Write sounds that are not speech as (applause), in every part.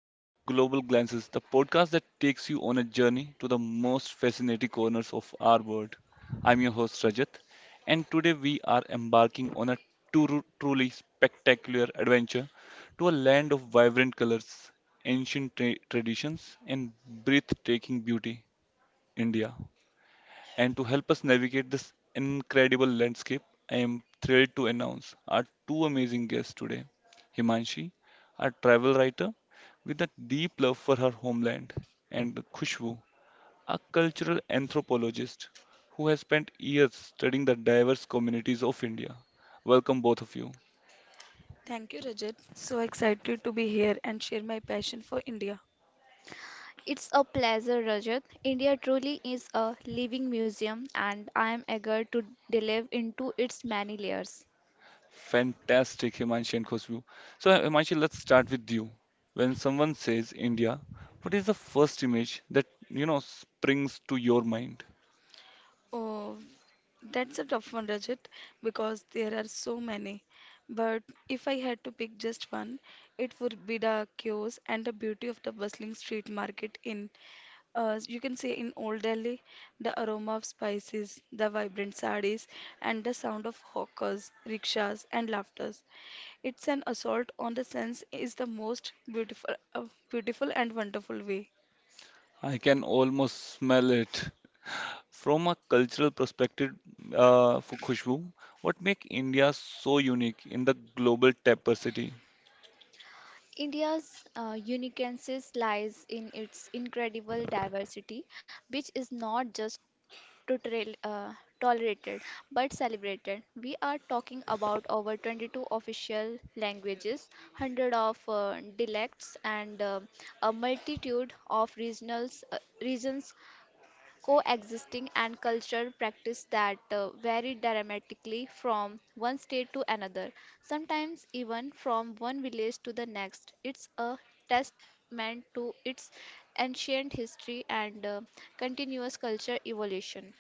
to our Global Glances, the podcast that takes you on a journey to the most fascinating corners of our world. I'm your host Rajat, and today we are embarking on a truly spectacular adventure to a land of vibrant colors, ancient traditions, and breathtaking beauty, India. And to help us navigate this incredible landscape, I am thrilled to announce our two amazing guests today: Himanshi, a travel writer with a deep love for her homeland, and Khushbu, a cultural anthropologist who has spent years studying the diverse communities of India. Welcome, both of you. It's a pleasure, Rajat. India truly is a living museum, and I am eager to delve into its many layers. Fantastic, Himanshi and Khushbu. So, Himanshi, let's start with you. When someone says India, what is the first image that springs to your mind? I can almost smell it. From a cultural perspective, for Khushbu, what makes India so unique in the global tapestry? India's uniqueness lies in its incredible diversity, which is not just to trail, uh, tolerated but celebrated. We are talking about over 22 official languages, hundred of dialects, and a regions coexisting and cultural practice that vary dramatically from one state to another, sometimes even from one village to the next. It's a testament to its ancient history and continuous culture evolution.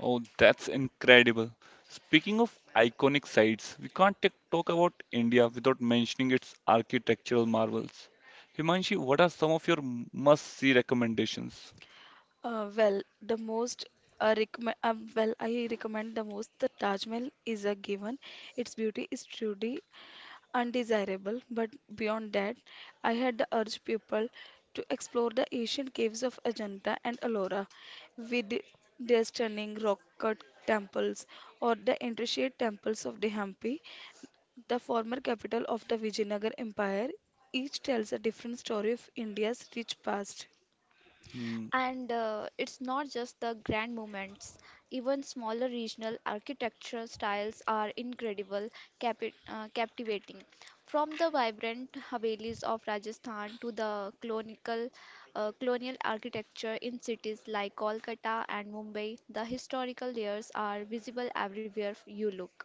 Oh, that's incredible. Speaking of iconic sites, we can't talk about India without mentioning its architectural marvels. Himanshi, what are some of your must-see recommendations? Hmm, And it's not just the grand moments, even smaller regional architectural styles are incredible, captivating. From the vibrant Havelis of Rajasthan to the colonial architecture in cities like Kolkata and Mumbai, the historical layers are visible everywhere you look.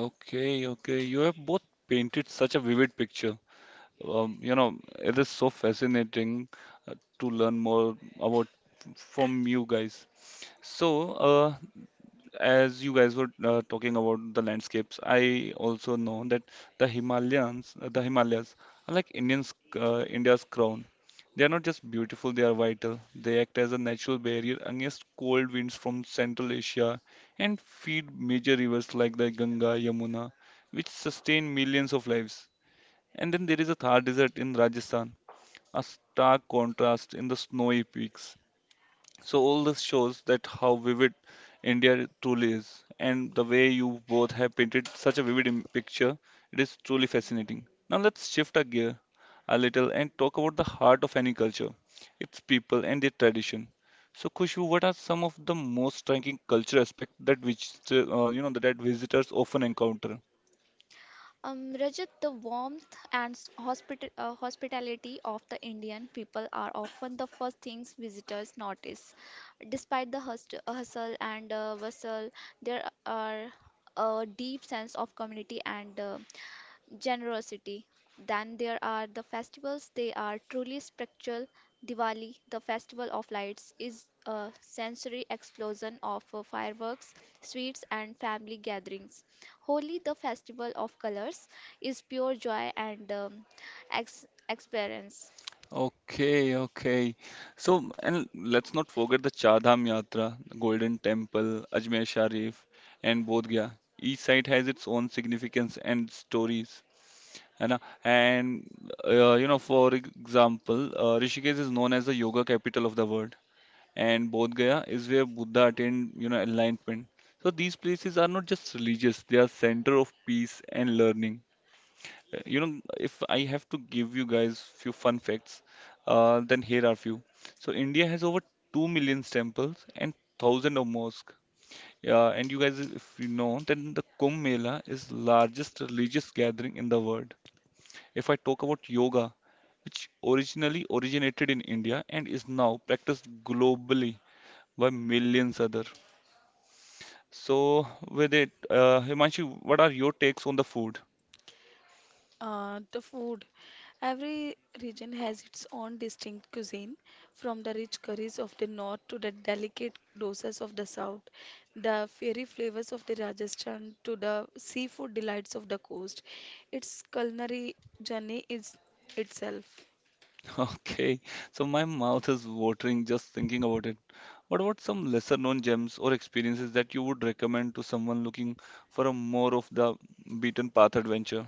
okay, okay. You have both painted such a vivid picture. It is so fascinating uh, to learn more about from you guys. So, as you guys were talking about the landscapes, I also know that the Himalayas are like India's crown. They are not just beautiful, they are vital. They act as a natural barrier against cold winds from Central Asia and feed major rivers like the Ganga, Yamuna, which sustain millions of lives. And then there is a Thar Desert in Rajasthan, a stark contrast in the snowy peaks. So all this shows that how vivid India truly is, and the way you both have painted such a vivid picture, it is truly fascinating. Now let's shift our gear a little and talk about the heart of any culture, its people and their tradition. So Khushu, what are some of the most striking cultural aspects that which that visitors often encounter? Rajat, the warmth and hospitality of the Indian people are often the first things visitors notice. Despite the hustle and bustle, there are a deep sense of community and generosity. Then there are the festivals, they are truly spiritual. Diwali, the festival of lights, is a sensory explosion of fireworks, sweets, and family gatherings. Holi, the festival of colors, is pure joy and experience. Okay, okay. So, and let's not forget the Char Dham Yatra, Golden Temple, Ajmer Sharif, and Bodh Gaya. Each site has its own significance and stories. है ना? For example, Rishikesh is known as the yoga capital of the world, and Bodh Gaya is where Buddha attained enlightenment. So these places are not just religious; they are center of peace and learning. If I have to give you guys few fun facts, then here are few. So India has over 2 million temples and 1000 of mosques. Yeah, and you guys, if you know, then the Kumbh Mela is largest religious gathering in the world. If I talk about yoga, which originally originated in India and is now practiced globally by millions other. So with it, Himanshu, what are your takes on the food? (laughs) Okay, so my mouth is watering just thinking about it. What about some lesser known gems or experiences that you would recommend to someone looking for a more of the beaten path adventure?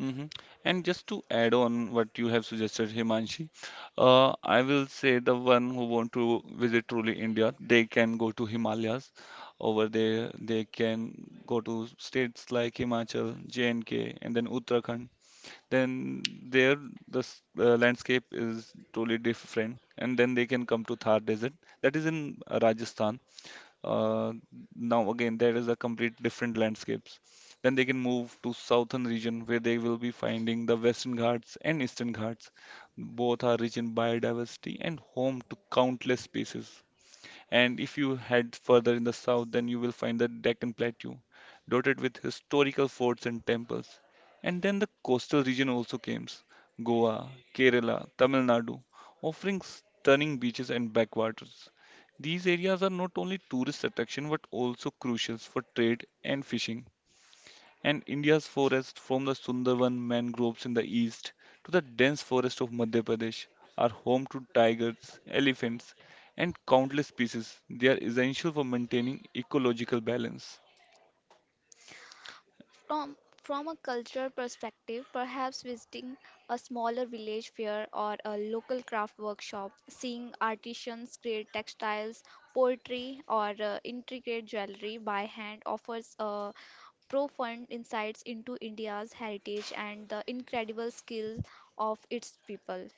hmm And just to add on what you have suggested, Himanshi, I will say the one who want to visit truly India, they can go to Himalayas. Over there, they can go to states like Himachal, J&K, and K, and then Uttarakhand. Then there the landscape is totally different and then they can come to Thar desert that is in Rajasthan. uh, Now again there is a complete different landscapes. Then they can move to southern region where they will be finding the western ghats and eastern ghats. Both are rich in biodiversity and home to countless species, and if you head further in the south, then you will find the Deccan Plateau, dotted with historical forts and temples. And then the coastal region also came: Goa, Kerala, Tamil Nadu, offering stunning beaches and backwaters. These areas are not only tourist attraction but also crucial for trade and fishing, and India's forests from the Sundarban mangroves in the east to the dense forest of Madhya Pradesh are home to tigers, elephants, and countless species. They are essential for maintaining ecological balance. From a cultural perspective, perhaps visiting a smaller village fair or a local craft workshop, seeing artisans create textiles, poetry, or intricate jewelry by hand offers a profound insights into India's heritage and the incredible skill of its people.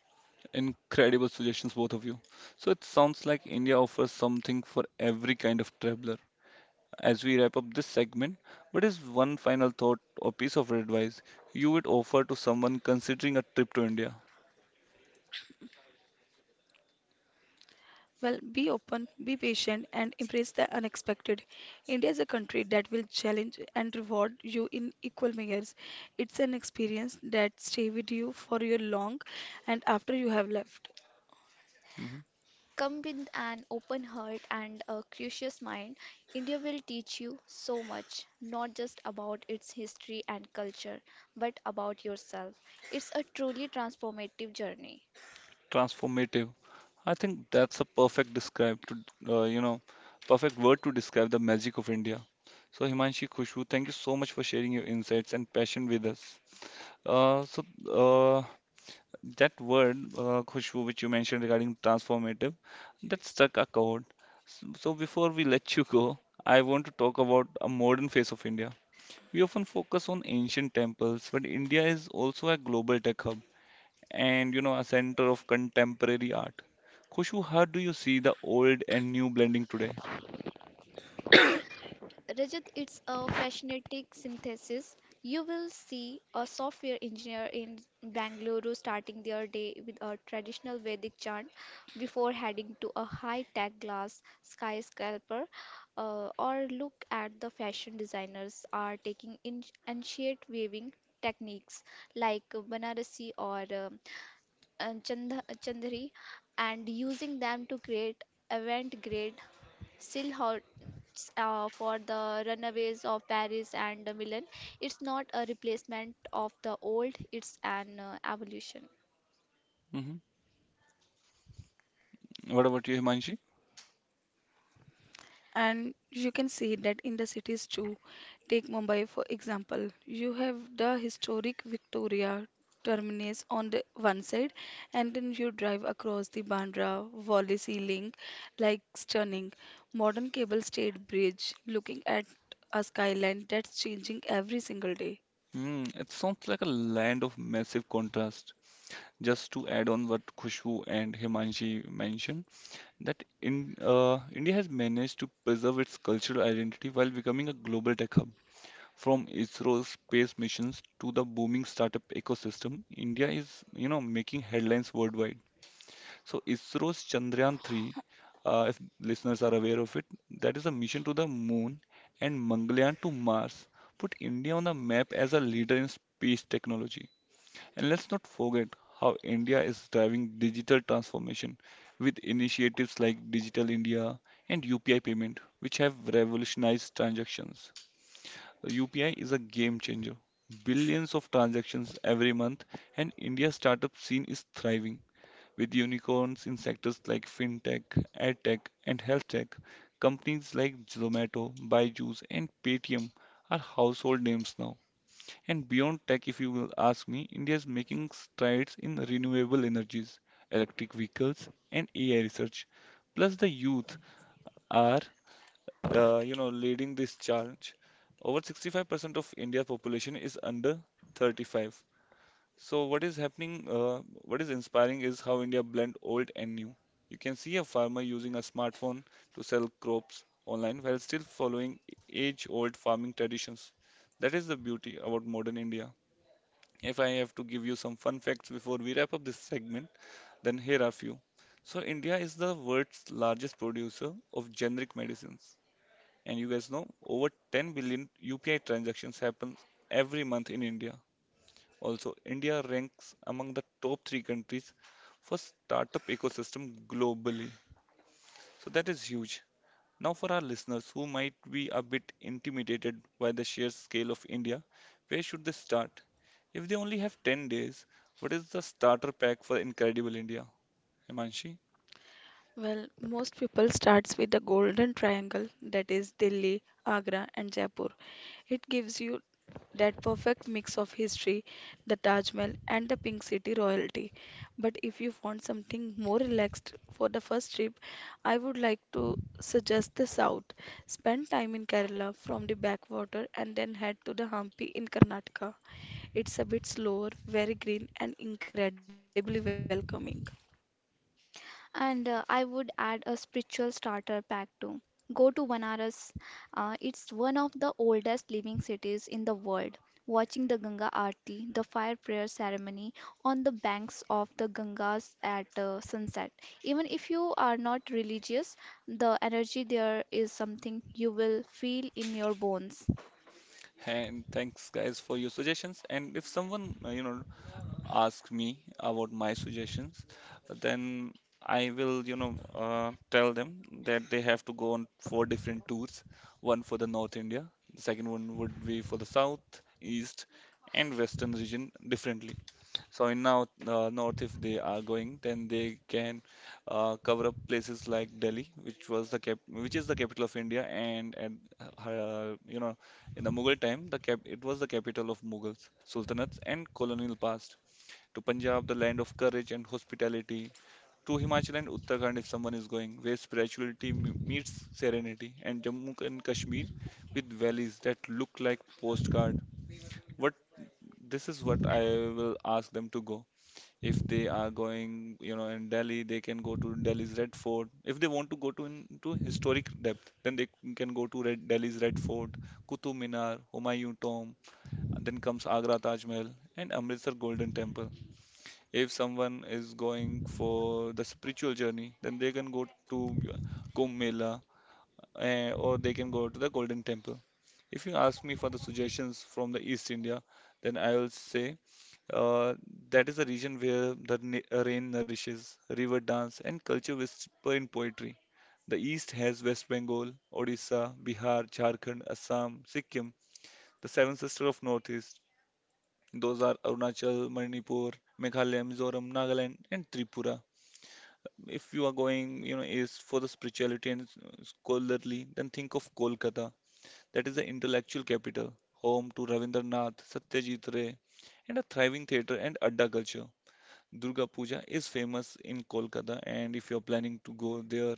Incredible suggestions, both of you. So it sounds like India offers something for every kind of traveler. As we wrap up this segment, what is one final thought or piece of advice you would offer to someone considering a trip to India? Mhm. Come with an open heart and a curious mind. India will teach you so much, not just about its history and culture, but about yourself. It's a truly transformative journey. Transformative. I think that's a perfect describe to uh, you know perfect word to describe the magic of India. So Himanshi Khushbu, thank you so much for sharing your insights and passion with us. Uh, so uh, that word Khushbu, which you mentioned regarding transformative, that struck a chord. So before we let you go, I want to talk about a modern face of India. We often focus on ancient temples, but India is also a global tech hub and a center of contemporary art. Khushu, how do you see the old and new blending today? Rajat, it's a fascinating synthesis. You will see a software engineer in Bangalore starting their day with a traditional Vedic chant before heading to a high-tech glass skyscraper, or look at the fashion designers are taking in ancient weaving techniques like Banarasi or Chandha Chandhari and using them to create avant-garde still hurts for the runaways of Paris and Milan. It's not a replacement of the old, it's an evolution. hmm What about you, Himanshi? Hmm, it sounds like a land of massive contrast. Just to add on what Khushu and Himanshi mentioned, that in India has managed to preserve its cultural identity while becoming a global tech hub. From ISRO's space missions to the booming startup ecosystem, India is, you know, making headlines worldwide. So ISRO's Chandrayaan 3, if listeners are aware of it, that is a mission to the moon and Mangalyaan to Mars, put India on the map as a leader in space technology. And let's not forget how India is driving digital transformation with initiatives like Digital India and UPI payment, which have revolutionized transactions. UPI is a game changer. Billions of transactions every month, and India's startup scene is thriving. With unicorns in sectors like fintech, edtech, and healthtech, companies like Zomato, Byju's, and Paytm are household names now. And beyond tech, if you will ask me, India is making strides in renewable energies, electric vehicles, and AI research. Plus, the youth are, leading this charge. Over 65% of India's population is under 35, so what is what is inspiring is how India blend old and new. You can see a farmer using a smartphone to sell crops online while still following age-old farming traditions. That is the beauty about modern India. If I have to give you some fun facts before we wrap up this segment, then here are few. So India is the world's largest producer of generic medicines. And you guys know over 10 billion UPI transactions happen every month in India. Also, India ranks among the top three countries for startup ecosystem globally. So that is huge. Now, for our listeners who might be a bit intimidated by the sheer scale of India, where should they start? If they only have 10 days, what is the starter pack for Incredible India? Himanshi? And I would add a spiritual starter pack too. Go to Banaras. It's one of the oldest living cities in the world. Watching the Ganga Aarti, the fire prayer ceremony on the banks of the Gangas at sunset. Even if you are not religious, the energy there is something you will feel in your bones. And thanks guys for your suggestions. And if someone, ask me about my suggestions, then I will, tell them that they have to go on four different tours. One for the North India, the second one would be for the South, East, and Western region differently. So in now North, if they are going, then they can cover up places like Delhi, which was the which is the capital of India, and uh, you know, in the Mughal time, the cap, it was the capital of Mughals, sultanates, and colonial past to Punjab, the land of courage and hospitality, to Himachal and Uttarakhand if someone is going, where spirituality meets serenity, and Jammu and Kashmir with valleys that look like postcard. What this is what I will ask them to go. If they are going, you know, in Delhi, they can go to Delhi's Red Fort. If they want to go to into historic depth, then they can go to Delhi's Red Fort, Qutub Minar, Humayun Tomb, and then comes Agra Taj Mahal and Amritsar Golden Temple. If someone is going for the spiritual journey, then they can go to Kumbh Mela eh, or they can go to the Golden Temple. If you ask me for the suggestions from the East India, then I will say uh, that is a region where the rain nourishes, river dance, and culture whisper in poetry. The East has West Bengal, Odisha, Bihar, Jharkhand, Assam, Sikkim, the seven sisters of Northeast. Those are Arunachal, Manipur, Meghalaya, Mizoram, Nagaland, and Tripura if you are going, you know, is for the spirituality and scholarly, then think of Kolkata. That is the intellectual capital, home to Ravindranath, Satyajit Ray, and a thriving theatre and adda culture. Durga Puja is famous in Kolkata, and if you're planning to go there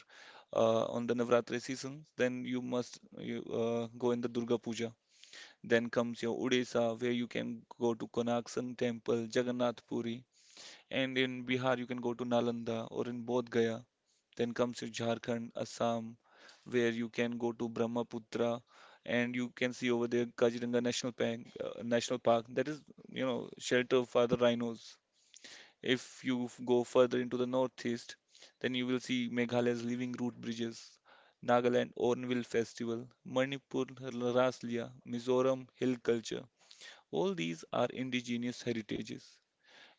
on the Navratri season, then you must go in the Durga Puja. Then comes your Odisha, where you can go to Konark Sun Temple, Jagannath Puri, and in Bihar you can go to Nalanda or in Bodh Gaya. Then comes your Jharkhand, Assam, where you can go to Brahmaputra and you can see over there Kaziranga National Park. That is shelter for the rhinos. If you go further into the northeast, then you will see Meghalaya's living root bridges, Nagaland Ornville Festival, Manipur Raslia, Mizoram Hill Culture. All these are indigenous heritages.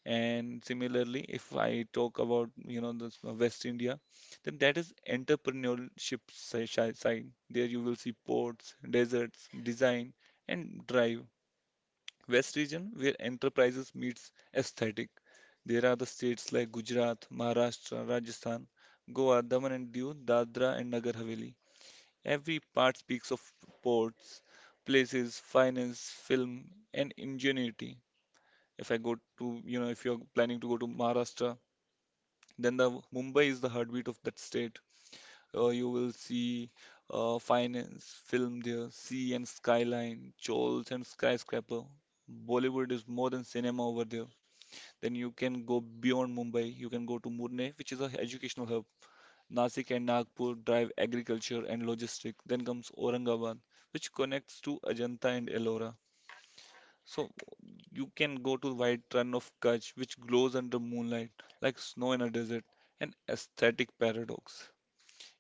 And similarly, if I talk about this West India, then that is entrepreneurship side. There you will see ports, deserts, design, and drive. West region where enterprises meets aesthetic. There are the states like Gujarat, Maharashtra, Rajasthan, Goa, Daman and Diu, Dadra and Nagar Haveli. Every part speaks of ports, places, finance, film, and ingenuity. If I go to, you know, if you're planning to go to Maharashtra, then the Mumbai is the heartbeat of that state. You will see finance, film there, sea and skyline, chols and skyscraper. Bollywood is more than cinema over there. Then you can go beyond Mumbai. You can go to Pune, which is an educational hub. Nasik and Nagpur drive agriculture and logistics. Then comes Aurangabad, which connects to Ajanta and Ellora. So you can go to White Run of Kutch, which glows under moonlight like snow in a desert, an aesthetic paradox.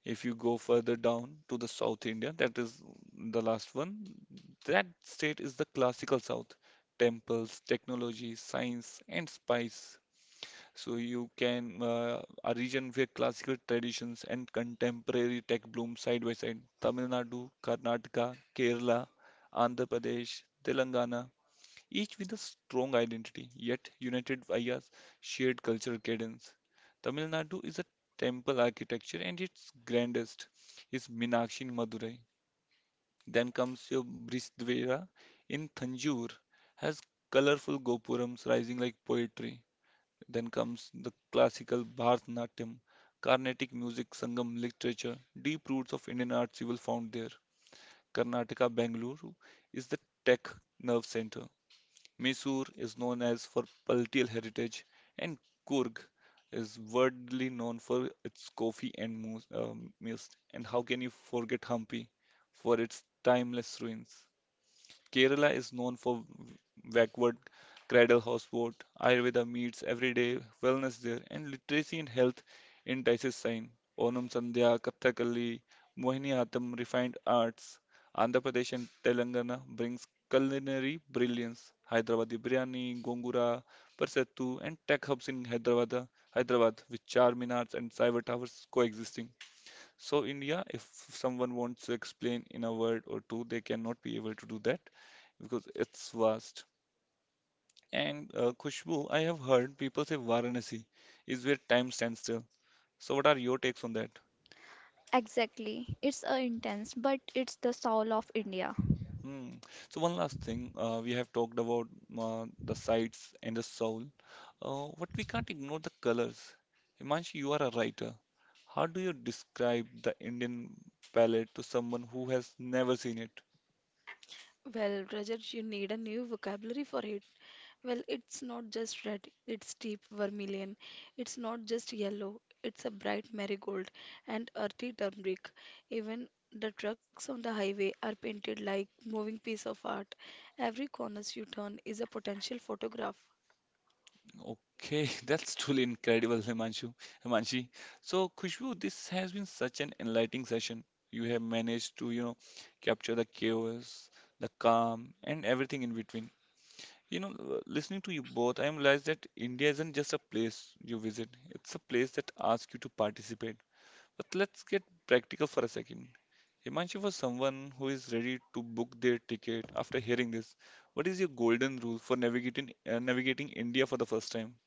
If you go further down to the South India, that is the last one, that state is the classical South. Temples, technology, science, and spice. So you can a region where classical traditions and contemporary tech bloom side by side. Tamil Nadu, Karnataka, Kerala, Andhra Pradesh, Telangana, each with a strong identity, yet united via shared cultural cadence. Tamil Nadu is a temple architecture, and its grandest is Meenakshi in Madurai. Then comes your Brihdwara in Thanjavur, has colorful gopurams rising like poetry. Then comes the classical Bharatanatyam, Carnatic music, Sangam literature, deep roots of Indian arts you will find there. Karnataka, Bangalore is the tech nerve center, Mysore is known as for palatial heritage, and Coorg is worldly known for its coffee and mist. And how can you forget Hampi for its timeless ruins? Kerala is known for backward cradle houseboat, Ayurveda meets everyday wellness there, and literacy and health entices sign. Onam Sandhya, Kathakali, Mohiniyattam, refined arts. Andhra Pradesh and Telangana brings culinary brilliance. Hyderabadi biryani, gongura, parsettu, and tech hubs in Hyderabad with charminars and cyber towers coexisting. So India, if someone wants to explain in a word or two, they cannot be able to do that because it's vast. And Khushbu, I have heard people say Varanasi is where time stands still. So what are your takes on that? Exactly. It's intense, but it's the soul of India. Hmm. So one last thing, we have talked about the sights and the soul, but we can't ignore the colors. Himanshi, you are a writer. How do you describe the Indian palette to someone who has never seen it? Okay, (laughs) that's truly incredible, Himanshu. Himanshi. So, Khushbu, this has been such an enlightening session. You have managed to capture the chaos, the calm, and everything in between. Listening to you both, I realized that India isn't just a place you visit, it's a place that asks you to participate. But let's get practical for a second. Himanshi, for someone who is ready to book their ticket after hearing this, what is your golden rule for navigating India for the first time?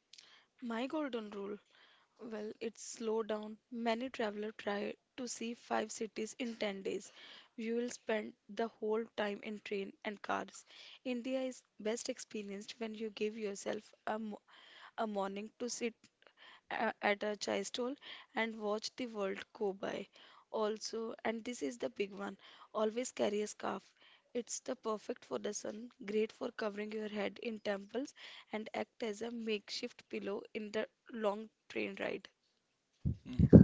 Mm-hmm.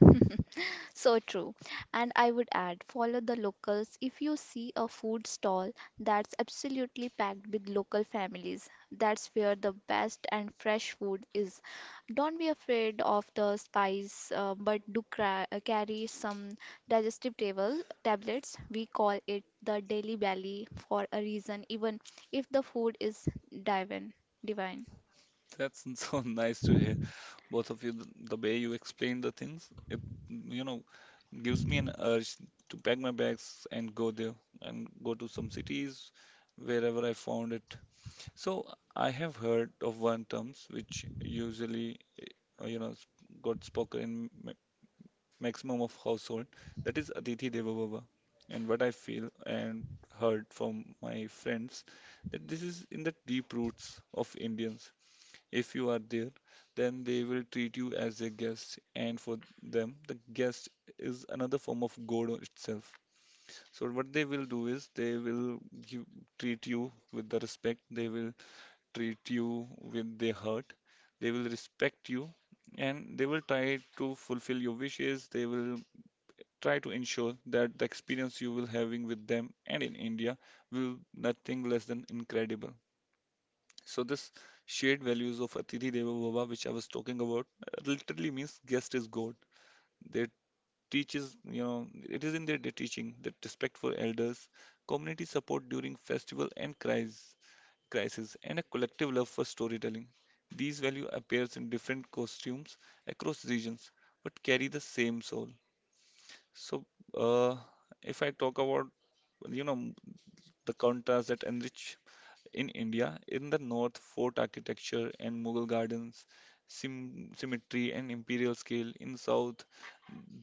(laughs) So true. And I would add, follow the locals. If you see a food stall that's absolutely packed with local families, that's where the best and fresh food is. Don't be afraid of the spice, but do cra carry some digestive table tablets. We call it the daily belly for a reason, even if the food is divine. Divine. That's (laughs) so nice to hear, both of you. The way you explain the things, it, you know, gives me an urge to pack my bags and go there and go to some cities wherever I found it. So I have heard of one terms which usually, uh, you know, sp- got spoken in maximum of household. That is Aditi Devabhava. And what I feel and heard from my friends that this is in the deep roots of Indians if you are there, then they will treat you as a guest, and for them, the guest is another form of God itself. So what they will do is they will give, treat you with the respect, they will treat you with their heart, they will respect you, and they will try to fulfill your wishes. They will try to ensure that the experience you will having with them and in India will nothing less than incredible. So this shared values of Atithi Deva Bhava, which I was talking about, literally means guest is God. They teaches it is in their teaching that respect for elders, community support during festival and crisis, and a collective love for storytelling. These value appears in different costumes across regions, but carry the same soul. So, uh, if I talk about, you know, the contrast that enrich in India, in the north, fort architecture and Mughal gardens, symmetry and imperial scale. In south,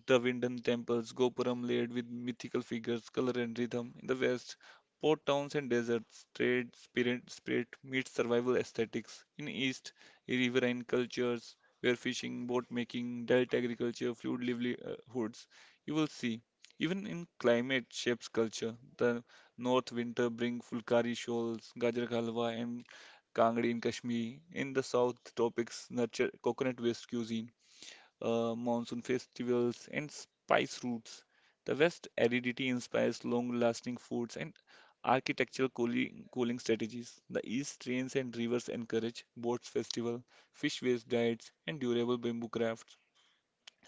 Dravidian temples, Gopuram laid with mythical figures, color and rhythm. In the west, port towns and deserts, trade spirit meets survival aesthetics. In east, riverine cultures where fishing, boat making, delta agriculture, fluid livelihoods. You will see even in climate shapes culture. The North winter bring fulkari shawls, gajar ka halwa, and kangdi in Kashmir. In the south, tropics nurture coconut-based cuisine, monsoon festivals, and spice routes. The west aridity inspires long-lasting foods and architectural cooling strategies. The east rains and rivers encourage boats festival, fish-based diets, and durable bamboo crafts.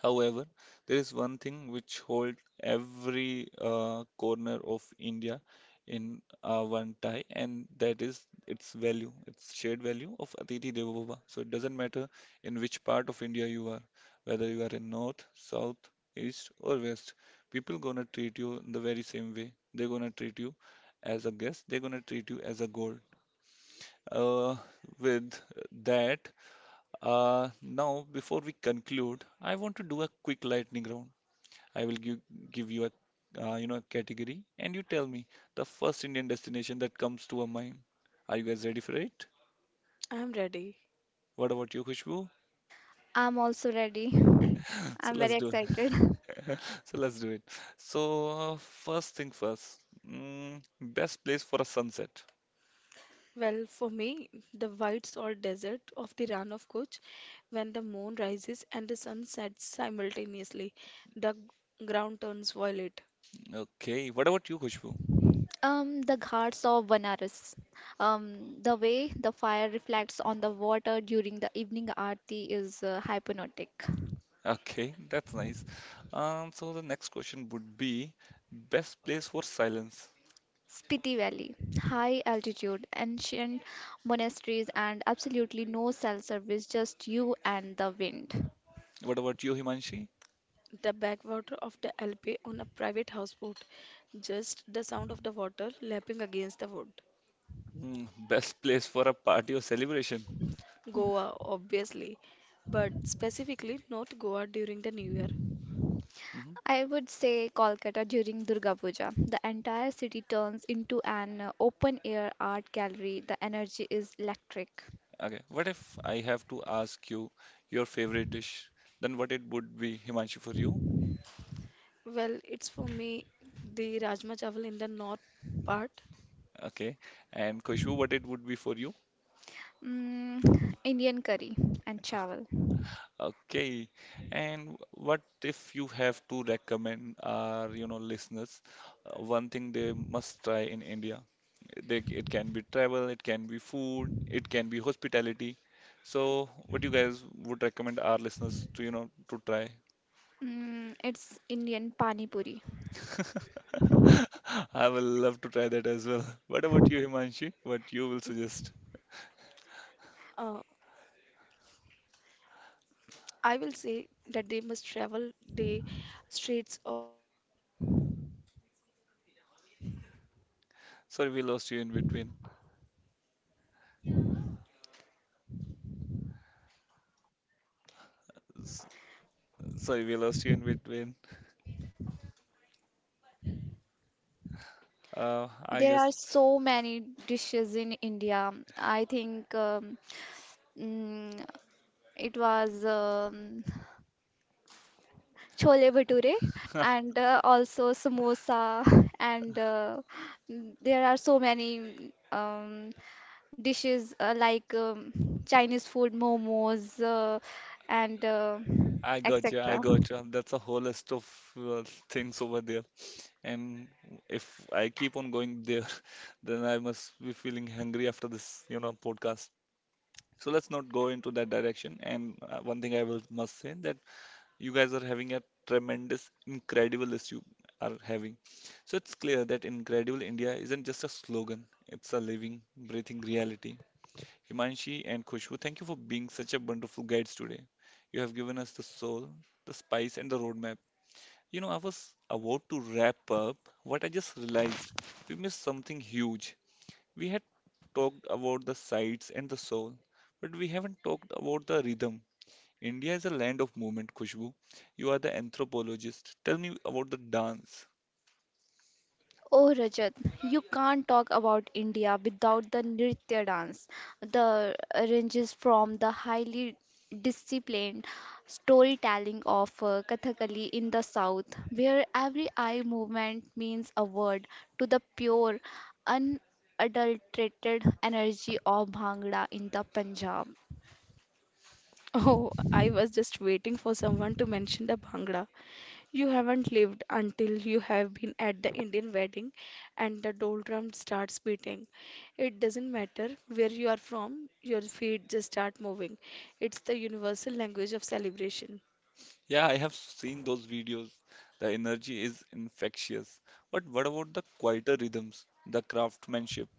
However, there is one thing which holds every corner of India in one tie, and that is its value, its shared value of Atithi Devo Bhava. So it doesn't matter in which part of India you are, whether you are in north, south, east, or west, people gonna treat you in the very same way. They're gonna treat you as a guest, they're gonna treat you as a gold. Uh, with that, now before we conclude, I want to do a quick lightning round. I will give you a a category, and you tell me the first Indian destination that comes to a mind. Are you guys ready for it? What about you, Khushbu? I'm also ready. (laughs) So let's do it. (laughs) So let's do it. So first thing first, best place for a sunset. Okay. What about you, Khushbu? (laughs) The Ghats of Vanaras. The way the fire reflects on the water during the evening aarti is hypnotic. Okay, that's nice. So the next question would be best place for silence. Spiti Valley, high altitude, ancient monasteries, and absolutely no cell service, just you and the wind. What about you, Himanshi? Best place for a party or celebration. Mm-hmm. I would say Kolkata during Durga Puja. The entire city turns into an open-air art gallery. The energy is electric. Okay, what if I have to ask you your favorite dish? Then what it would be, Himanshu, for you? Okay, and Kushbu, what it would be for you? Mm, Indian curry and chawal. Okay, and what if you have to recommend our listeners one thing they must try in India? It can be travel, it can be food, it can be hospitality. So, what you guys would recommend our listeners to try? Mm, it's Indian pani puri. (laughs) I will love to try that as well. (laughs) What about you, Himanshi? What you will suggest? Sorry, we lost you in between. S- Sorry, we lost you in between. I There guess are so many dishes in India. I think mm, it was chole bhature (laughs) and also samosa (laughs) and there are so many dishes like Chinese food, momos uh, and I got you. I etc. got you. That's a whole list of uh, things over there. And if I keep on going there, (laughs) then I must be feeling hungry after this podcast. So let's not go into that direction. And one thing I will must say that you guys are having a tremendous, incredible list you are having. So it's clear that Incredible India isn't just a slogan, it's a living, breathing reality. Himanshi and Khushbu, thank you for being such a wonderful guides today. You have given us the soul, the spice, and the roadmap. I was about to wrap up what I just realized. We missed something huge. We had talked about the sights and the soul, but we haven't talked about the rhythm. India is a land of movement, Khushbu. You are the anthropologist. Tell me about the dance. Oh Rajat, you can't talk about India without the Nritya dance. The ranges from the highly disciplined storytelling of Kathakali in the south, where every eye movement means a word, to the pure, unadulterated energy of Bhangra in the Punjab. Yeah, I have seen those videos. The energy is infectious. But what about the quieter rhythms, the craftsmanship?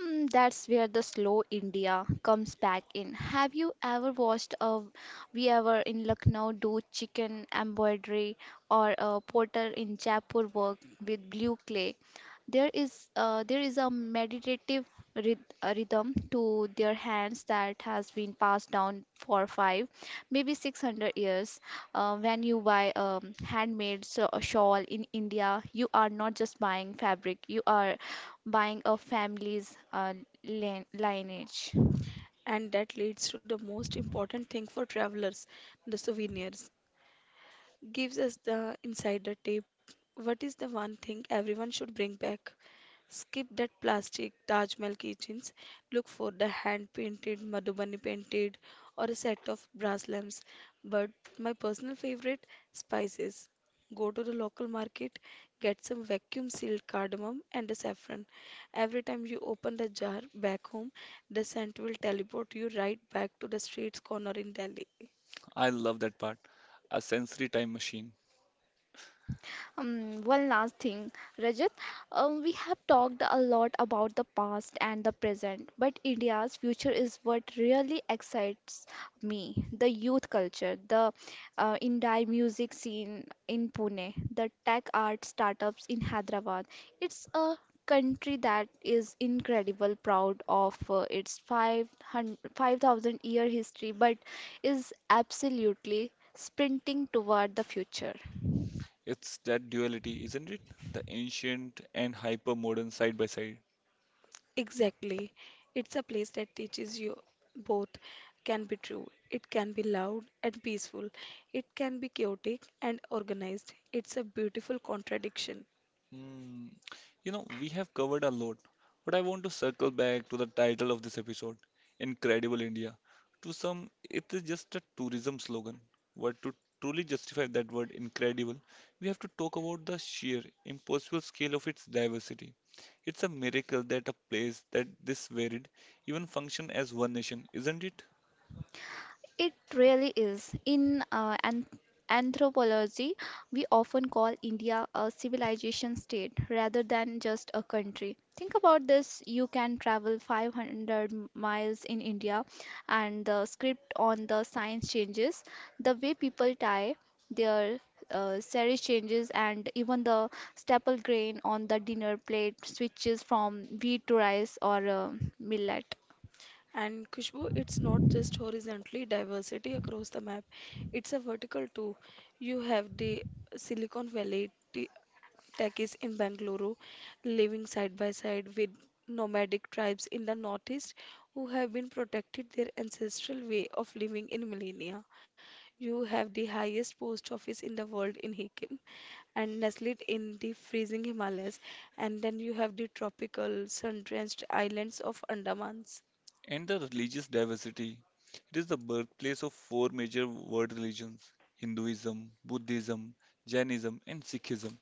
Mm, that's where the slow India comes back in. Have you ever watched a we ever in Lucknow do chicken embroidery or a potter in Jaipur work with blue clay? There is a meditative rhythm to their hands that has been passed down for five, maybe 600 years. When you buy a handmade shawl in India, you are not just buying fabric, you are buying a family's lineage. I love that part. A sensory time machine. One last thing, Rajat. We have talked a lot about the past and the present, but India's future is what really excites me. The youth culture, the indie music scene in Pune, the tech art startups in Hyderabad. It's a country that is incredible proud of its 500 5000 year history but is absolutely sprinting toward the future. It's that duality, isn't it? The ancient and hyper modern side by side. Hmm. We have covered a lot, but I want to circle back to the title of this episode, Incredible India. To some, it is just a tourism slogan, but to truly justify that word incredible, we have to talk about the sheer, impossible scale of its diversity. It's a miracle that a place that this varied even function as one nation, isn't it? It really is. In an anthropology, we often call India a civilization state rather than just a country. Think about this, you can travel 500 miles in India, and the script on the signs changes, the way people tie their saree changes, and even the staple grain on the dinner plate switches from wheat to rice or millet. And the religious diversity. It is the birthplace of four major world religions: Hinduism, Buddhism, Jainism, and Sikhism.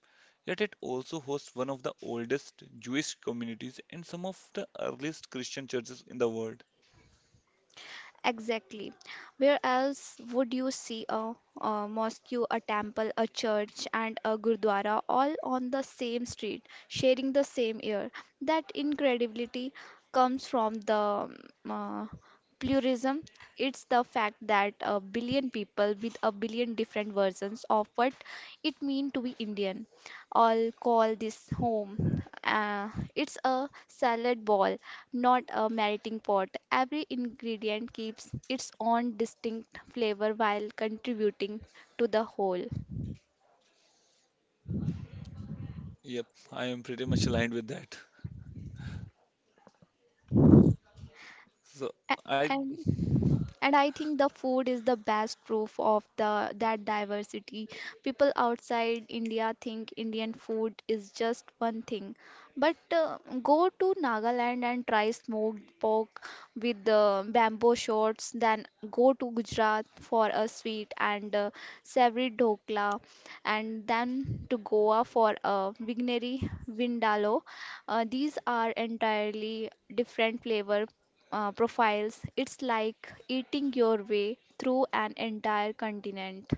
Yet it also hosts one of the oldest Jewish communities and some of the earliest Christian churches in the world. Exactly. Where else would you see a mosque, a temple, a church, and a gurdwara all on the same street, sharing the same air? That incredibility comes from the um, uh, pluralism. It's the fact that a billion people with a billion different versions of what it means to be Indian all call this home. It's a salad bowl, not a melting pot. Every ingredient keeps its own distinct flavor while contributing to the whole. Yep, I am pretty much aligned with that. So A- I and and I think the food is the best proof of the that diversity. People outside India think Indian food is just one thing, but go to Nagaland and try smoked pork with the bamboo shoots, then go to Gujarat for a sweet and savory dokla, and then to Goa for a vigneri vindaloo. These are entirely different flavor profiles. It's like eating your way through an entire continent.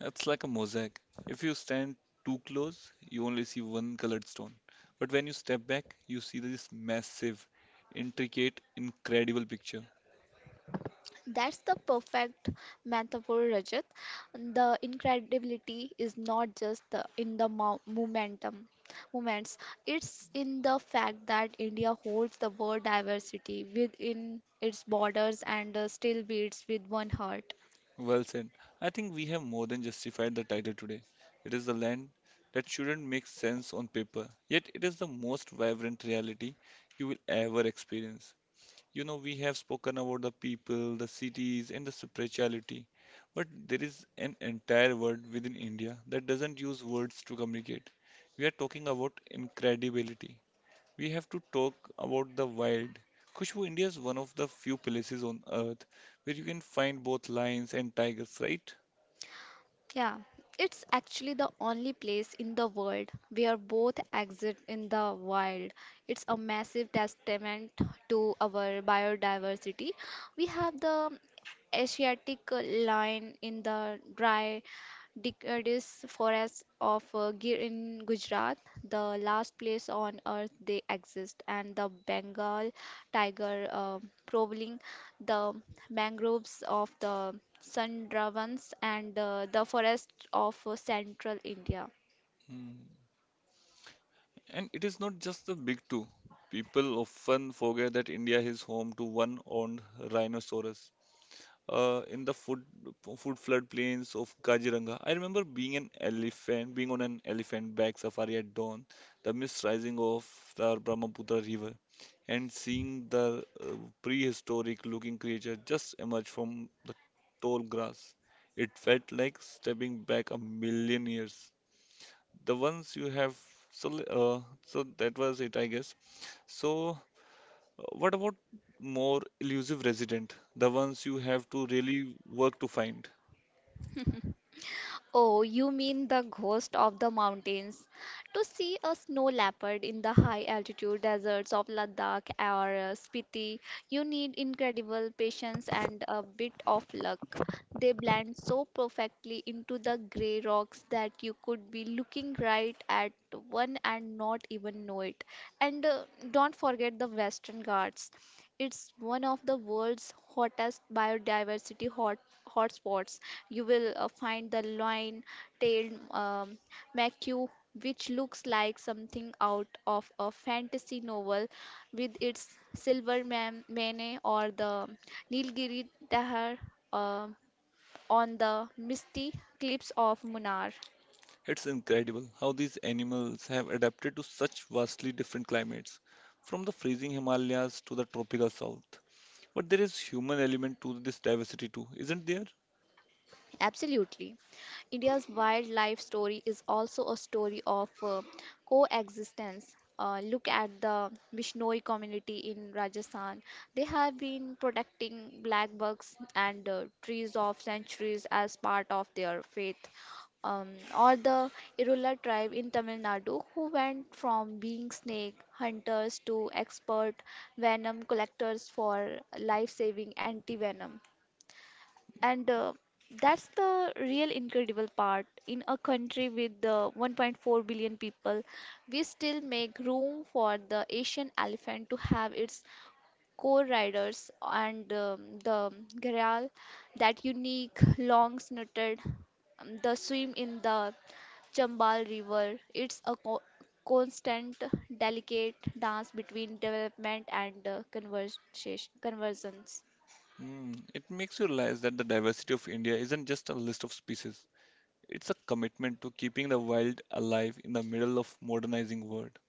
it's like a mosaic. If you stand too close, you only see one colored stone. But when you step back, you see this massive, intricate, incredible picture. That's the perfect metaphor, Rajat. The incredibility is not just in the momentum moments. It's in the fact that India holds the world diversity within its borders and still beats with one heart. Well said. I think we have more than justified the title today. It is the land that shouldn't make sense on paper, yet it is the most vibrant reality you will ever experience. You know, we have spoken about the people, the cities, and the spirituality, but there is an entire world within India that doesn't use words to communicate. We are talking about incredibility, we have to talk about the wild. Khushbu, India is one of the few places on earth where you can find both lions and tigers, right? Yeah, it's actually the only place in the world where both exist in the wild. It's a massive testament to our biodiversity. We have the Asiatic lion in the dry deciduous forest of Gir in Gujarat, the last place on earth they exist, and the Bengal tiger prowling the mangroves of the Sundarbans and the forests of central India. Hmm. And it is not just the big two. People often forget that India is home to one owned rhinoceros, in the food floodplains of Kaziranga. I remember being an elephant, being on an elephant back safari at dawn, the mist rising off the Brahmaputra river, and seeing the prehistoric-looking creature just emerge from the tall grass. It felt like stepping back a million years. The ones you have, so that was it, I guess. So what about more elusive resident, the ones you have to really work to find? Oh, you mean the ghost of the mountains. To see a snow leopard in the high altitude deserts of Ladakh or Spiti, you need incredible patience and a bit of luck. They blend so perfectly into the grey rocks that you could be looking right at one and not even know it. And don't forget the Western Ghats. It's one of the world's hottest biodiversity hotspots. You will find the lion-tailed macaw, which looks like something out of a fantasy novel, with its silver mane, or the Nilgiri Dahar uh, on the misty cliffs of Munnar. It's incredible how these animals have adapted to such vastly different climates, from the freezing Himalayas to the tropical south. But there is human element to this diversity too, isn't there? Absolutely. India's wildlife story is also a story of coexistence. Look at the Bishnoi community in Rajasthan. They have been protecting black bugs and trees of centuries as part of their faith. Um, or the Irula tribe in Tamil Nadu, who went from being snake hunters to expert venom collectors for life saving anti venom. And that's the real incredible part. In a country with 1.4 billion people, we still make room for the Asian elephant to have its core riders and the gharial, that unique long snouted, the swim in the Chambal River. It's a constant, delicate dance between development and conversions. Hmm, it makes you realize that the diversity of India isn't just a list of species. It's a commitment to keeping the wild alive in the middle of modernizing world.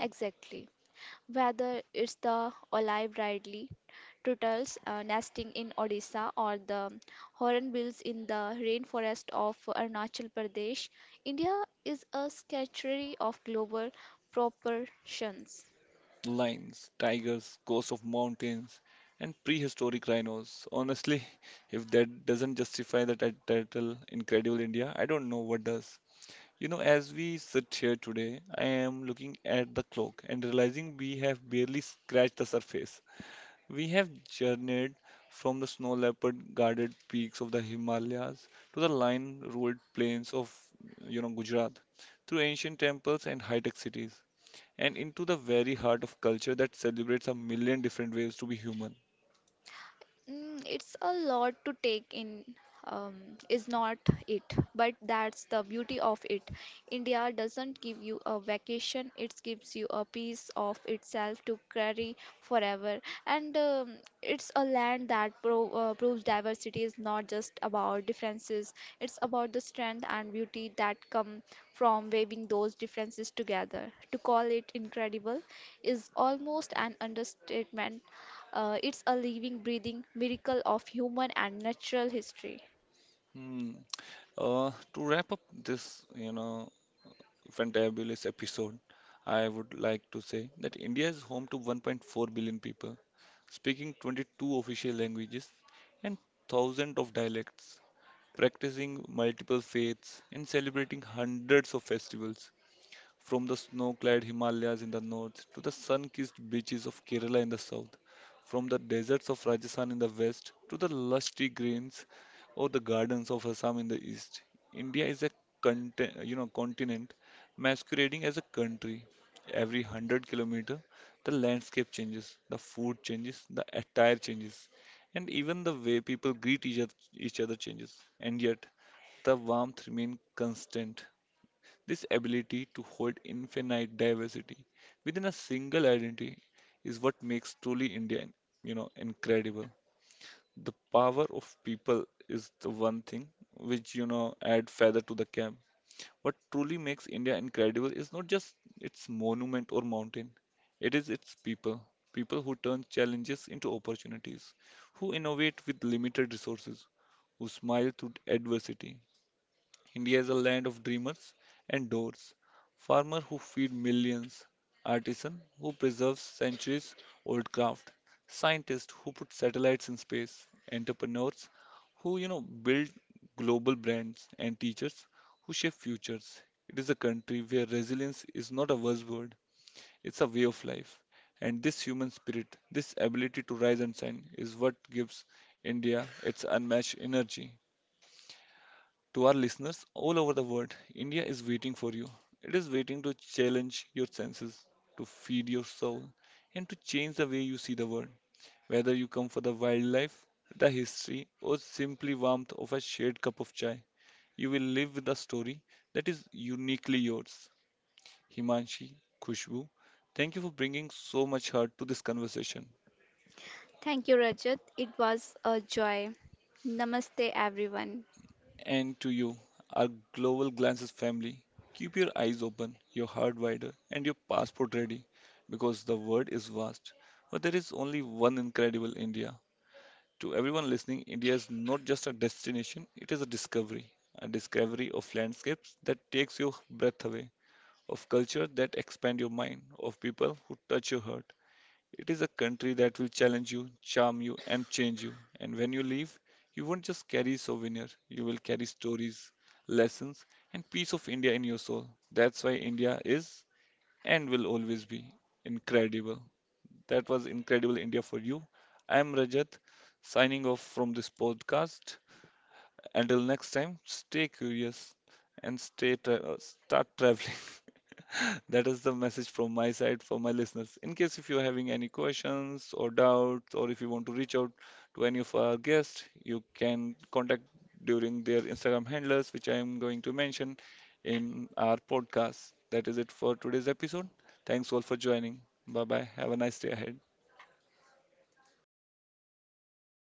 Exactly. Whether it's the olive ridley turtles nesting in Odisha or the hornbills in the rainforest of Arunachal Pradesh, India is a sanctuary of global proportions. Lions, tigers, ghosts of mountains, and prehistoric rhinos. Honestly, (laughs) if that doesn't justify the title Incredible India, I don't know what does. You know, as we sit here today, I am looking at the clock and realizing we have barely scratched the surface. We have journeyed from the snow leopard guarded peaks of the Himalayas to the lion ruled plains of you know Gujarat, through ancient temples and high-tech cities and into the very heart of culture that celebrates a million different ways to be human. Mm, it's a lot to take in, um, is not it? But that's the beauty of it. India doesn't give you a vacation, it gives you a piece of itself to carry forever. And it's a land that proves diversity is not just about differences, it's about the strength and beauty that come from weaving those differences together. To call it incredible is almost an understatement. It's a living, breathing miracle of human and natural history. Hmm. To wrap up this, you know, fantabulous episode, I would like to say that India is home to 1.4 billion people, speaking 22 official languages and thousands of dialects, practicing multiple faiths and celebrating hundreds of festivals. From the snow clad Himalayas in the north to the sun kissed beaches of Kerala in the south, from the deserts of Rajasthan in the west to the lusty greens or the gardens of Assam in the east, India is a you know, continent masquerading as a country. Every 100 kilometer, the landscape changes, the food changes, the attire changes, and even the way people greet each other changes. And yet, the warmth remains constant. This ability to hold infinite diversity within a single identity is what makes truly India, you know, incredible. The power of people is the one thing which, you know, add feather to the cap. What truly makes India incredible is not just its monument or mountain, it is its people. People who turn challenges into opportunities, who innovate with limited resources, who smile through adversity. India is a land of dreamers and doers, farmers who feed millions, artisans who preserve centuries old craft, scientists who put satellites in space, entrepreneurs who, you know, build global brands, and teachers who shape futures. It is a country where resilience is not a buzzword, it's a way of life. And this human spirit, this ability to rise and shine, is what gives India its unmatched energy. To our listeners all over the world, India is waiting for you. It is waiting to challenge your senses, to feed your soul, and to change the way you see the world. Whether you come for the wildlife, the history, or simply warmth of a shared cup of chai, you will live with a story that is uniquely yours. Himanshi, Khushbu, thank you for bringing so much heart to this conversation. Thank you, Rajat. It was a joy. Namaste, everyone. And to you, our Global Glances family, keep your eyes open, your heart wider, and your passport ready because the world is vast. But there is only one incredible India. To everyone listening, India is not just a destination, it is a discovery. A discovery of landscapes that takes your breath away, of culture that expand your mind, of people who touch your heart. It is a country that will challenge you, charm you, and change you. And when you leave, you won't just carry souvenir, you will carry stories, lessons, and piece of India in your soul. That's why India is and will always be incredible. That was incredible India for you. I am Rajat, signing off from this podcast. Until next time, stay curious and start traveling. (laughs) That is the message from my side for my listeners. In case if you're having any questions or doubts, or if you want to reach out to any of our guests, you can contact during their Instagram handlers, which I am going to mention in our podcast. That is it for today's episode. Thanks all for joining. Bye bye. Have a nice day ahead.